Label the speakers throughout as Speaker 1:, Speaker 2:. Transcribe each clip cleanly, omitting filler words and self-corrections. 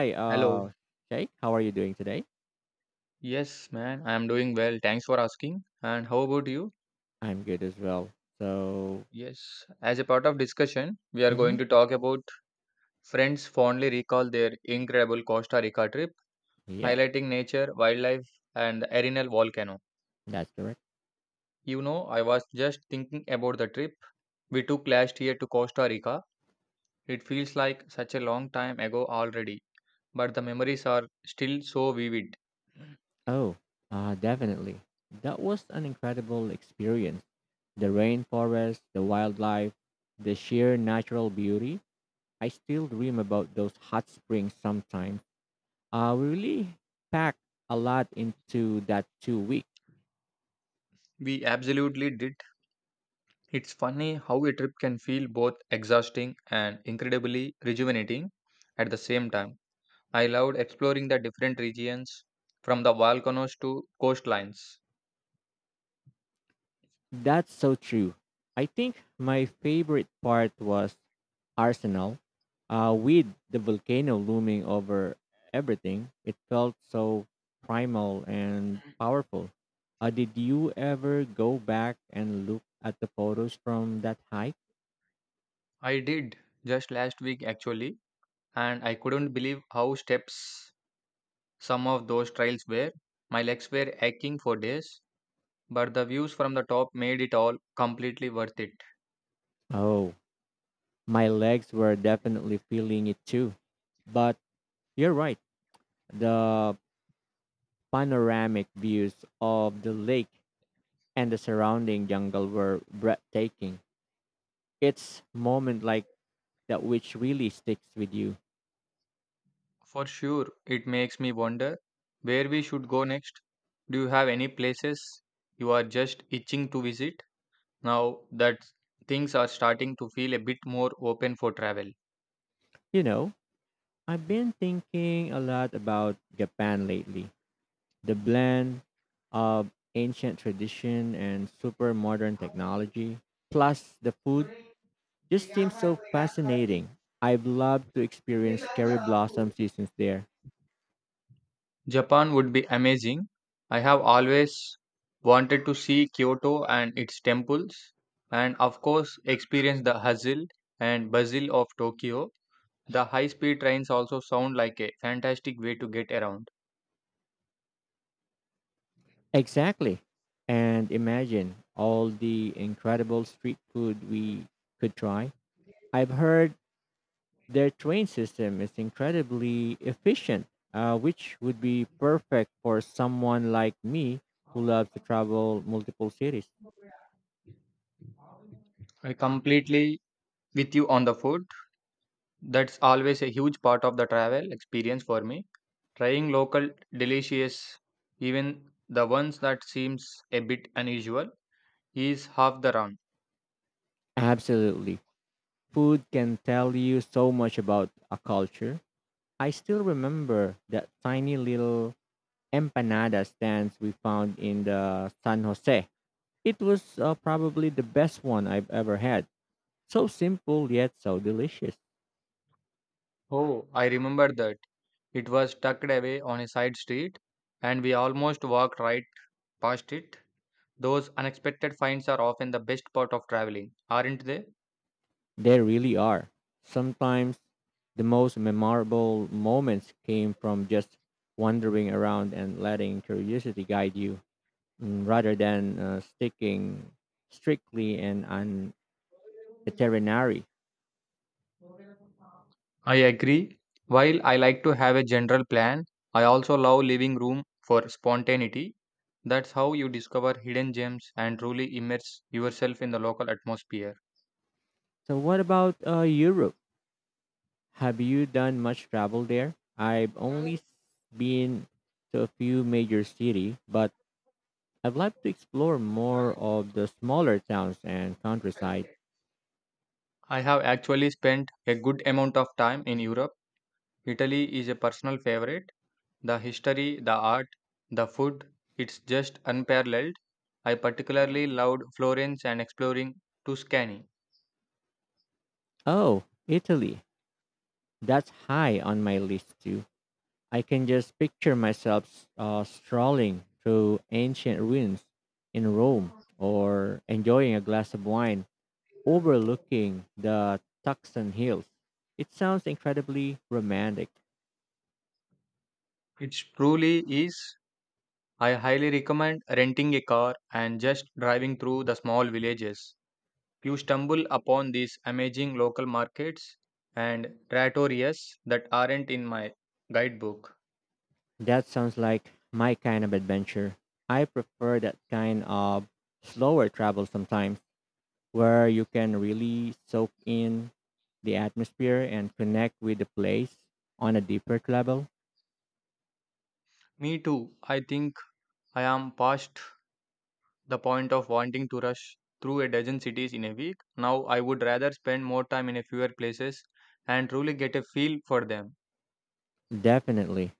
Speaker 1: Hi,
Speaker 2: Hello.
Speaker 1: Shay, how are you doing today?
Speaker 2: Yes, man, I am doing well. Thanks for asking. And how about you?
Speaker 1: I'm good as well. So,
Speaker 2: Yes, as a part of discussion, we are going
Speaker 1: mm-hmm,
Speaker 2: to talk about friends fondly recall their incredible Costa Rica trip,
Speaker 1: yes,
Speaker 2: highlighting nature, wildlife, and the Arenal volcano.
Speaker 1: that's correct.
Speaker 2: You know, I was just thinking about the trip we took last year to Costa Rica. It feels like such a long time ago already, but the memories are still so vivid.
Speaker 1: Oh, definitely. That was an incredible experience. The rainforest, the wildlife, the sheer natural beauty. I still dream about those hot springs sometimes. We really packed a lot into that 2 weeks.
Speaker 2: We absolutely did. It's funny how a trip can feel both exhausting and incredibly rejuvenating at the same time. I loved exploring the different regions from the volcanoes to coastlines.
Speaker 1: That's so true. I think my favorite part was Arsenal. With the volcano looming over everything, it felt so primal and powerful. Did you ever go back and look at the photos from that hike?
Speaker 2: I did, just last week actually, and I couldn't believe how steps some of those trails were. My legs were aching for days, but the views from the top made it all completely worth it.
Speaker 1: Oh, my legs were definitely feeling it too. But you're right, the panoramic views of the lake and the surrounding jungle were breathtaking. It's moment like that which really sticks with you.
Speaker 2: For sure, it makes me wonder where we should go next. Do you have any places you are just itching to visit now that things are starting to feel a bit more open for travel?
Speaker 1: You know, I've been thinking a lot about Japan lately. The blend of ancient tradition and super modern technology, plus the food, just seems so fascinating. I've loved to experience cherry blossom seasons there.
Speaker 2: Japan would be amazing. I have always wanted to see Kyoto and its temples, and of course, experience the hustle and bustle of Tokyo. The high speed trains also sound like a fantastic way to get around.
Speaker 1: Exactly. And imagine all the incredible street food we could try. I've heard their train system is incredibly efficient, which would be perfect for someone like me who loves to travel multiple cities.
Speaker 2: I completely with you on the food. That's always a huge part of the travel experience for me. Trying local delicious, even the ones that seems a bit unusual, is half the run.
Speaker 1: Absolutely. Food can tell you so much about a culture. I still remember that tiny little empanada stands we found in the San Jose. It was probably the best one I've ever had. So simple yet so delicious.
Speaker 2: Oh, I remember that. It was tucked away on a side street and we almost walked right past it. Those unexpected finds are often the best part of traveling, aren't they?
Speaker 1: They really are. Sometimes the most memorable moments came from just wandering around and letting curiosity guide you, rather than sticking strictly and on itinerary.
Speaker 2: I agree. While I like to have a general plan, I also love leaving room for spontaneity. That's how you discover hidden gems and truly immerse yourself in the local atmosphere.
Speaker 1: So, what about Europe? Have you done much travel there? Been to a few major cities, but I'd like to explore more of the smaller towns and countryside.
Speaker 2: I have actually spent a good amount of time in Europe. Italy is a personal favorite. The history, the art, the food, it's just unparalleled. I particularly loved Florence and exploring Tuscany.
Speaker 1: Oh, Italy. That's high on my list too. I can just picture myself strolling through ancient ruins in Rome or enjoying a glass of wine overlooking the Tucson Hills. It sounds incredibly romantic.
Speaker 2: It truly is. I highly recommend renting a car and just driving through the small villages. You stumble upon these amazing local markets and trattorias that aren't in my guidebook.
Speaker 1: That sounds like my kind of adventure. I prefer that kind of slower travel sometimes where you can really soak in the atmosphere and connect with the place on a deeper level.
Speaker 2: Me too. I think I am past the point of wanting to rush through a dozen cities in a week. Now I would rather spend more time in a fewer places and truly get a feel for them.
Speaker 1: Definitely.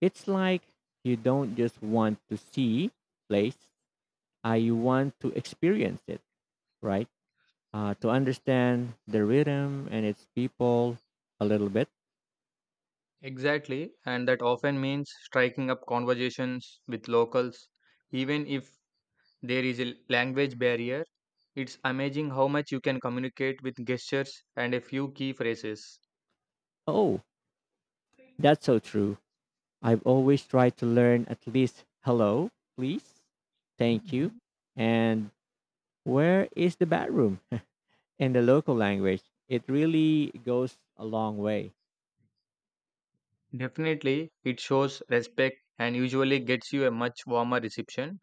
Speaker 1: It's like you don't just want to see place, you want to experience it, right? To understand the rhythm and its people a little bit.
Speaker 2: Exactly, and that often means striking up conversations with locals, even if there is a language barrier. It's amazing how much you can communicate with gestures and a few key phrases.
Speaker 1: Oh, that's so true. I've always tried to learn at least hello, please, thank you, and where is the bathroom in the local language. It really goes a long way.
Speaker 2: Definitely, it shows respect and usually gets you a much warmer reception.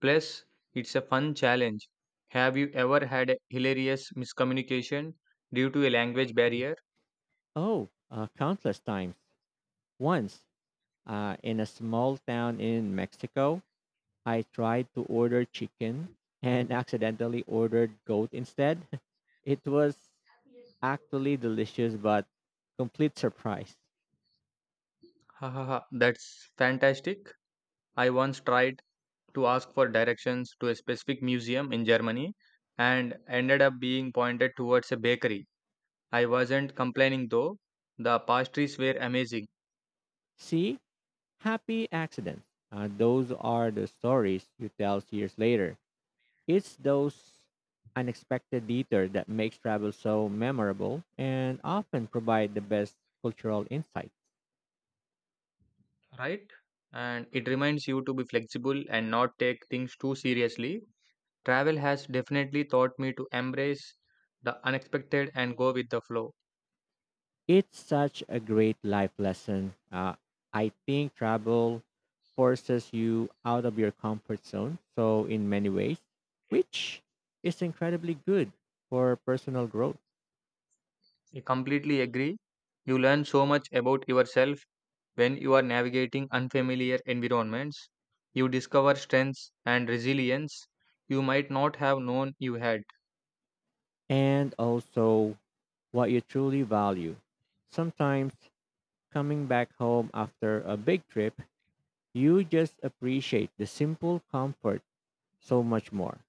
Speaker 2: Plus, it's a fun challenge. Have you ever had a hilarious miscommunication due to a language barrier?
Speaker 1: Oh, countless times. Once, in a small town in Mexico, I tried to order chicken and accidentally ordered goat instead. It was actually delicious, but complete surprise.
Speaker 2: Ha ha ha, that's fantastic. I once tried to ask for directions to a specific museum in Germany and ended up being pointed towards a bakery. I wasn't complaining though. The pastries were amazing,
Speaker 1: See, happy accidents. Those are the stories you tell years later. It's those unexpected detours that makes travel so memorable and often provide the best cultural insight.
Speaker 2: right? And it reminds you to be flexible and not take things too seriously. Travel has definitely taught me to embrace the unexpected and go with the flow.
Speaker 1: It's such a great life lesson. I think travel forces you out of your comfort zone. So, in many ways, which is incredibly good for personal growth
Speaker 2: I completely agree. You learn so much about yourself when you are navigating unfamiliar environments. You discover strengths and resilience you might not have known you had.
Speaker 1: and also what you truly value. Sometimes coming back home after a big trip, you just appreciate the simple comfort so much more.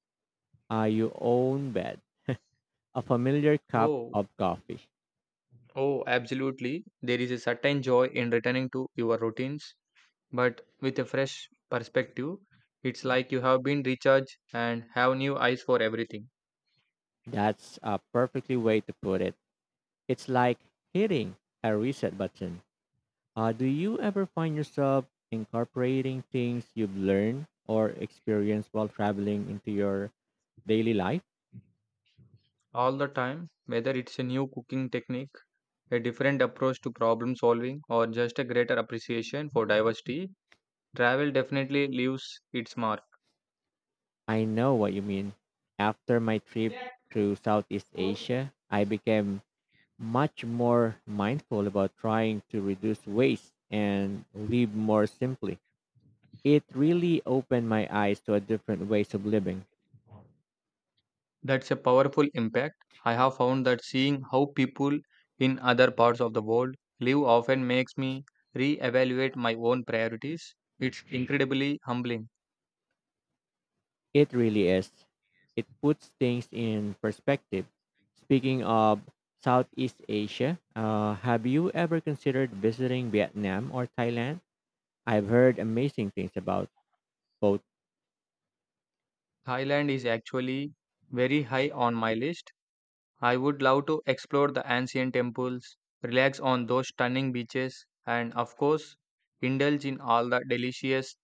Speaker 1: Your own bed, a familiar cup
Speaker 2: Oh,
Speaker 1: of coffee.
Speaker 2: oh, absolutely. There is a certain joy in returning to your routines, but with a fresh perspective. It's like you have been recharged and have new eyes for everything.
Speaker 1: That's a perfectly way to put it. It's like hitting a reset button. Do you ever find yourself incorporating things you've learned or experienced while traveling into your daily life?
Speaker 2: All the time, whether it's a new cooking technique, a different approach to problem solving, or just a greater appreciation for diversity, travel definitely leaves its mark.
Speaker 1: I know what you mean. After my trip through Southeast Asia, I became much more mindful about trying to reduce waste and live more simply. It really opened my eyes to a different ways of living.
Speaker 2: That's a powerful impact. I have found that seeing how people in other parts of the world live often makes me re-evaluate my own priorities. It's incredibly humbling.
Speaker 1: It really is. It puts things in perspective. Speaking of Southeast Asia, have you ever considered visiting Vietnam or Thailand? I've heard amazing things about both.
Speaker 2: Thailand is actually very high on my list. I would love to explore the ancient temples, relax on those stunning beaches, and of course, indulge in all the delicious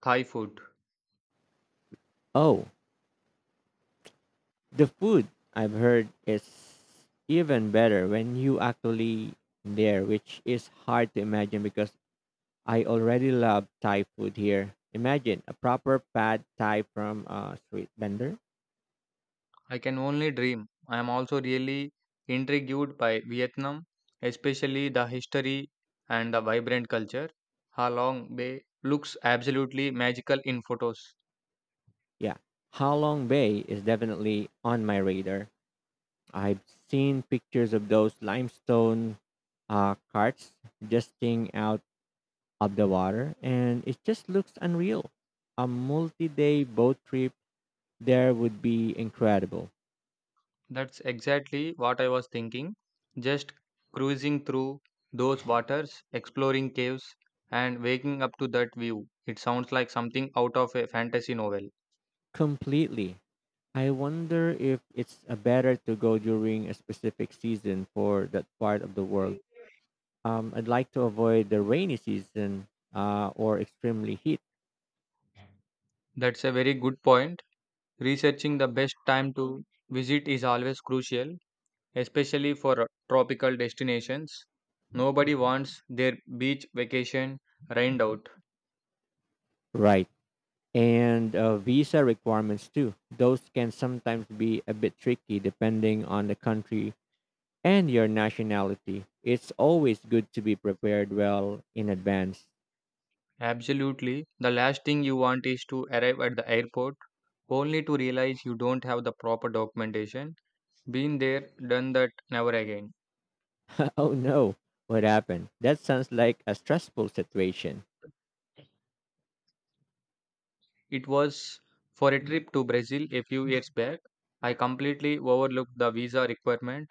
Speaker 2: Thai food.
Speaker 1: Oh, the food I've heard is even better when you actually there, which is hard to imagine because I already love Thai food here. Imagine a proper pad Thai from a street vendor.
Speaker 2: I can only dream. I am also really intrigued by Vietnam, especially the history and the vibrant culture. Ha Long Bay looks absolutely magical in photos.
Speaker 1: Yeah, Halong Bay is definitely on my radar. I've seen pictures of those limestone, carts jutting out of the water, and it just looks unreal. A multi day boat trip there would be incredible.
Speaker 2: That's exactly what I was thinking. Just cruising through those waters, exploring caves, and waking up to that view. It sounds like something out of a fantasy novel.
Speaker 1: Completely. I wonder if it's better to go during a specific season for that part of the world. I'd like to avoid the rainy season, or extremely heat.
Speaker 2: That's a very good point. Researching the best time to visit is always crucial, especially for tropical destinations. Nobody wants their beach vacation rained out.
Speaker 1: Right. And visa requirements too. Those can sometimes be a bit tricky depending on the country and your nationality. It's always good to be prepared well in advance.
Speaker 2: Absolutely. The last thing you want is to arrive at the airport only to realize you don't have the proper documentation. Been there, done that, never again.
Speaker 1: Oh no, what happened? That sounds like a stressful situation.
Speaker 2: It was for a trip to Brazil a few years back. I completely overlooked the visa requirement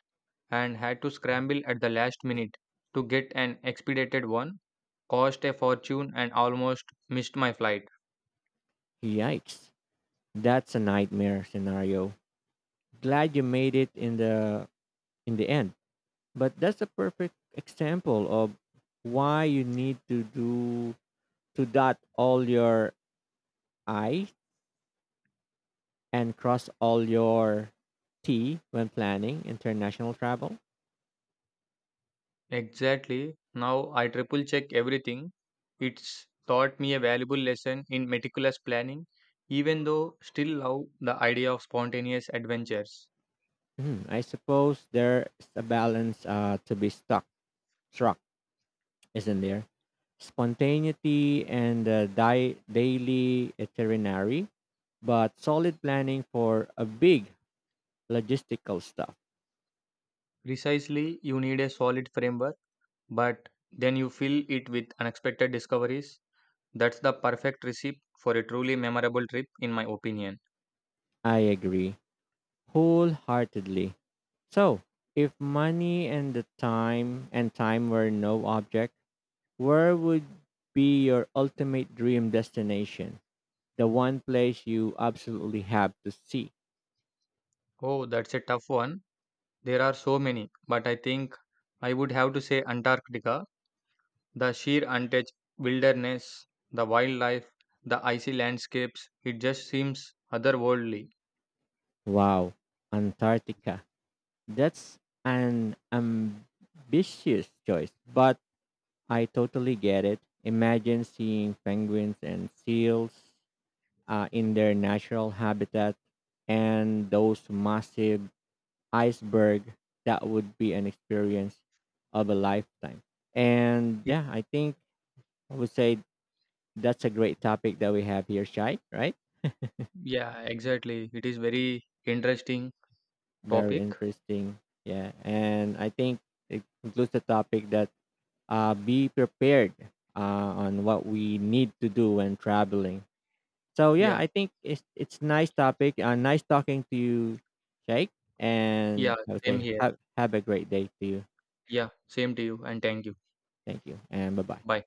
Speaker 2: and had to scramble at the last minute to get an expedited one. Cost a fortune and almost missed my flight.
Speaker 1: Yikes. That's a nightmare scenario. Glad you made it in the end. But that's a perfect example of why you need to do to dot all your I and cross all your T when planning international travel.
Speaker 2: Exactly. Now I triple check everything. It's taught me a valuable lesson in meticulous planning, even though still love the idea of spontaneous adventures.
Speaker 1: Hmm, I suppose there's a balance, struck, isn't there? Spontaneity and daily itinerary, but solid planning for a big logistical stuff.
Speaker 2: Precisely, you need a solid framework but then you fill it with unexpected discoveries. That's the perfect recipe for a truly memorable trip, in my opinion.
Speaker 1: I agree wholeheartedly. So, if money and the time and time were no object, where would be your ultimate dream destination? The one place you absolutely have to see.
Speaker 2: Oh, that's a tough one. There are so many, but I think I would have to say Antarctica. The sheer untouched wilderness, the wildlife, the icy landscapes, it just seems otherworldly.
Speaker 1: Wow, Antarctica. That's an ambitious choice, but I totally get it. Imagine seeing penguins and seals in their natural habitat and those massive iceberg. That would be an experience of a lifetime. And
Speaker 2: It,
Speaker 1: yeah, I think I would say that's a great topic that we have here, Shai, right?
Speaker 2: yeah, exactly. It is very interesting
Speaker 1: Very
Speaker 2: topic.
Speaker 1: interesting. Yeah. And I think it includes the topic that be prepared on what we need to do when traveling. So, yeah,
Speaker 2: Yeah,
Speaker 1: I think it's nice topic. Nice talking to you, Jake.
Speaker 2: yeah,
Speaker 1: And I would
Speaker 2: same
Speaker 1: say
Speaker 2: here.
Speaker 1: have a great day to you.
Speaker 2: Yeah, same to you and thank you.
Speaker 1: Thank you. And bye bye.
Speaker 2: Bye.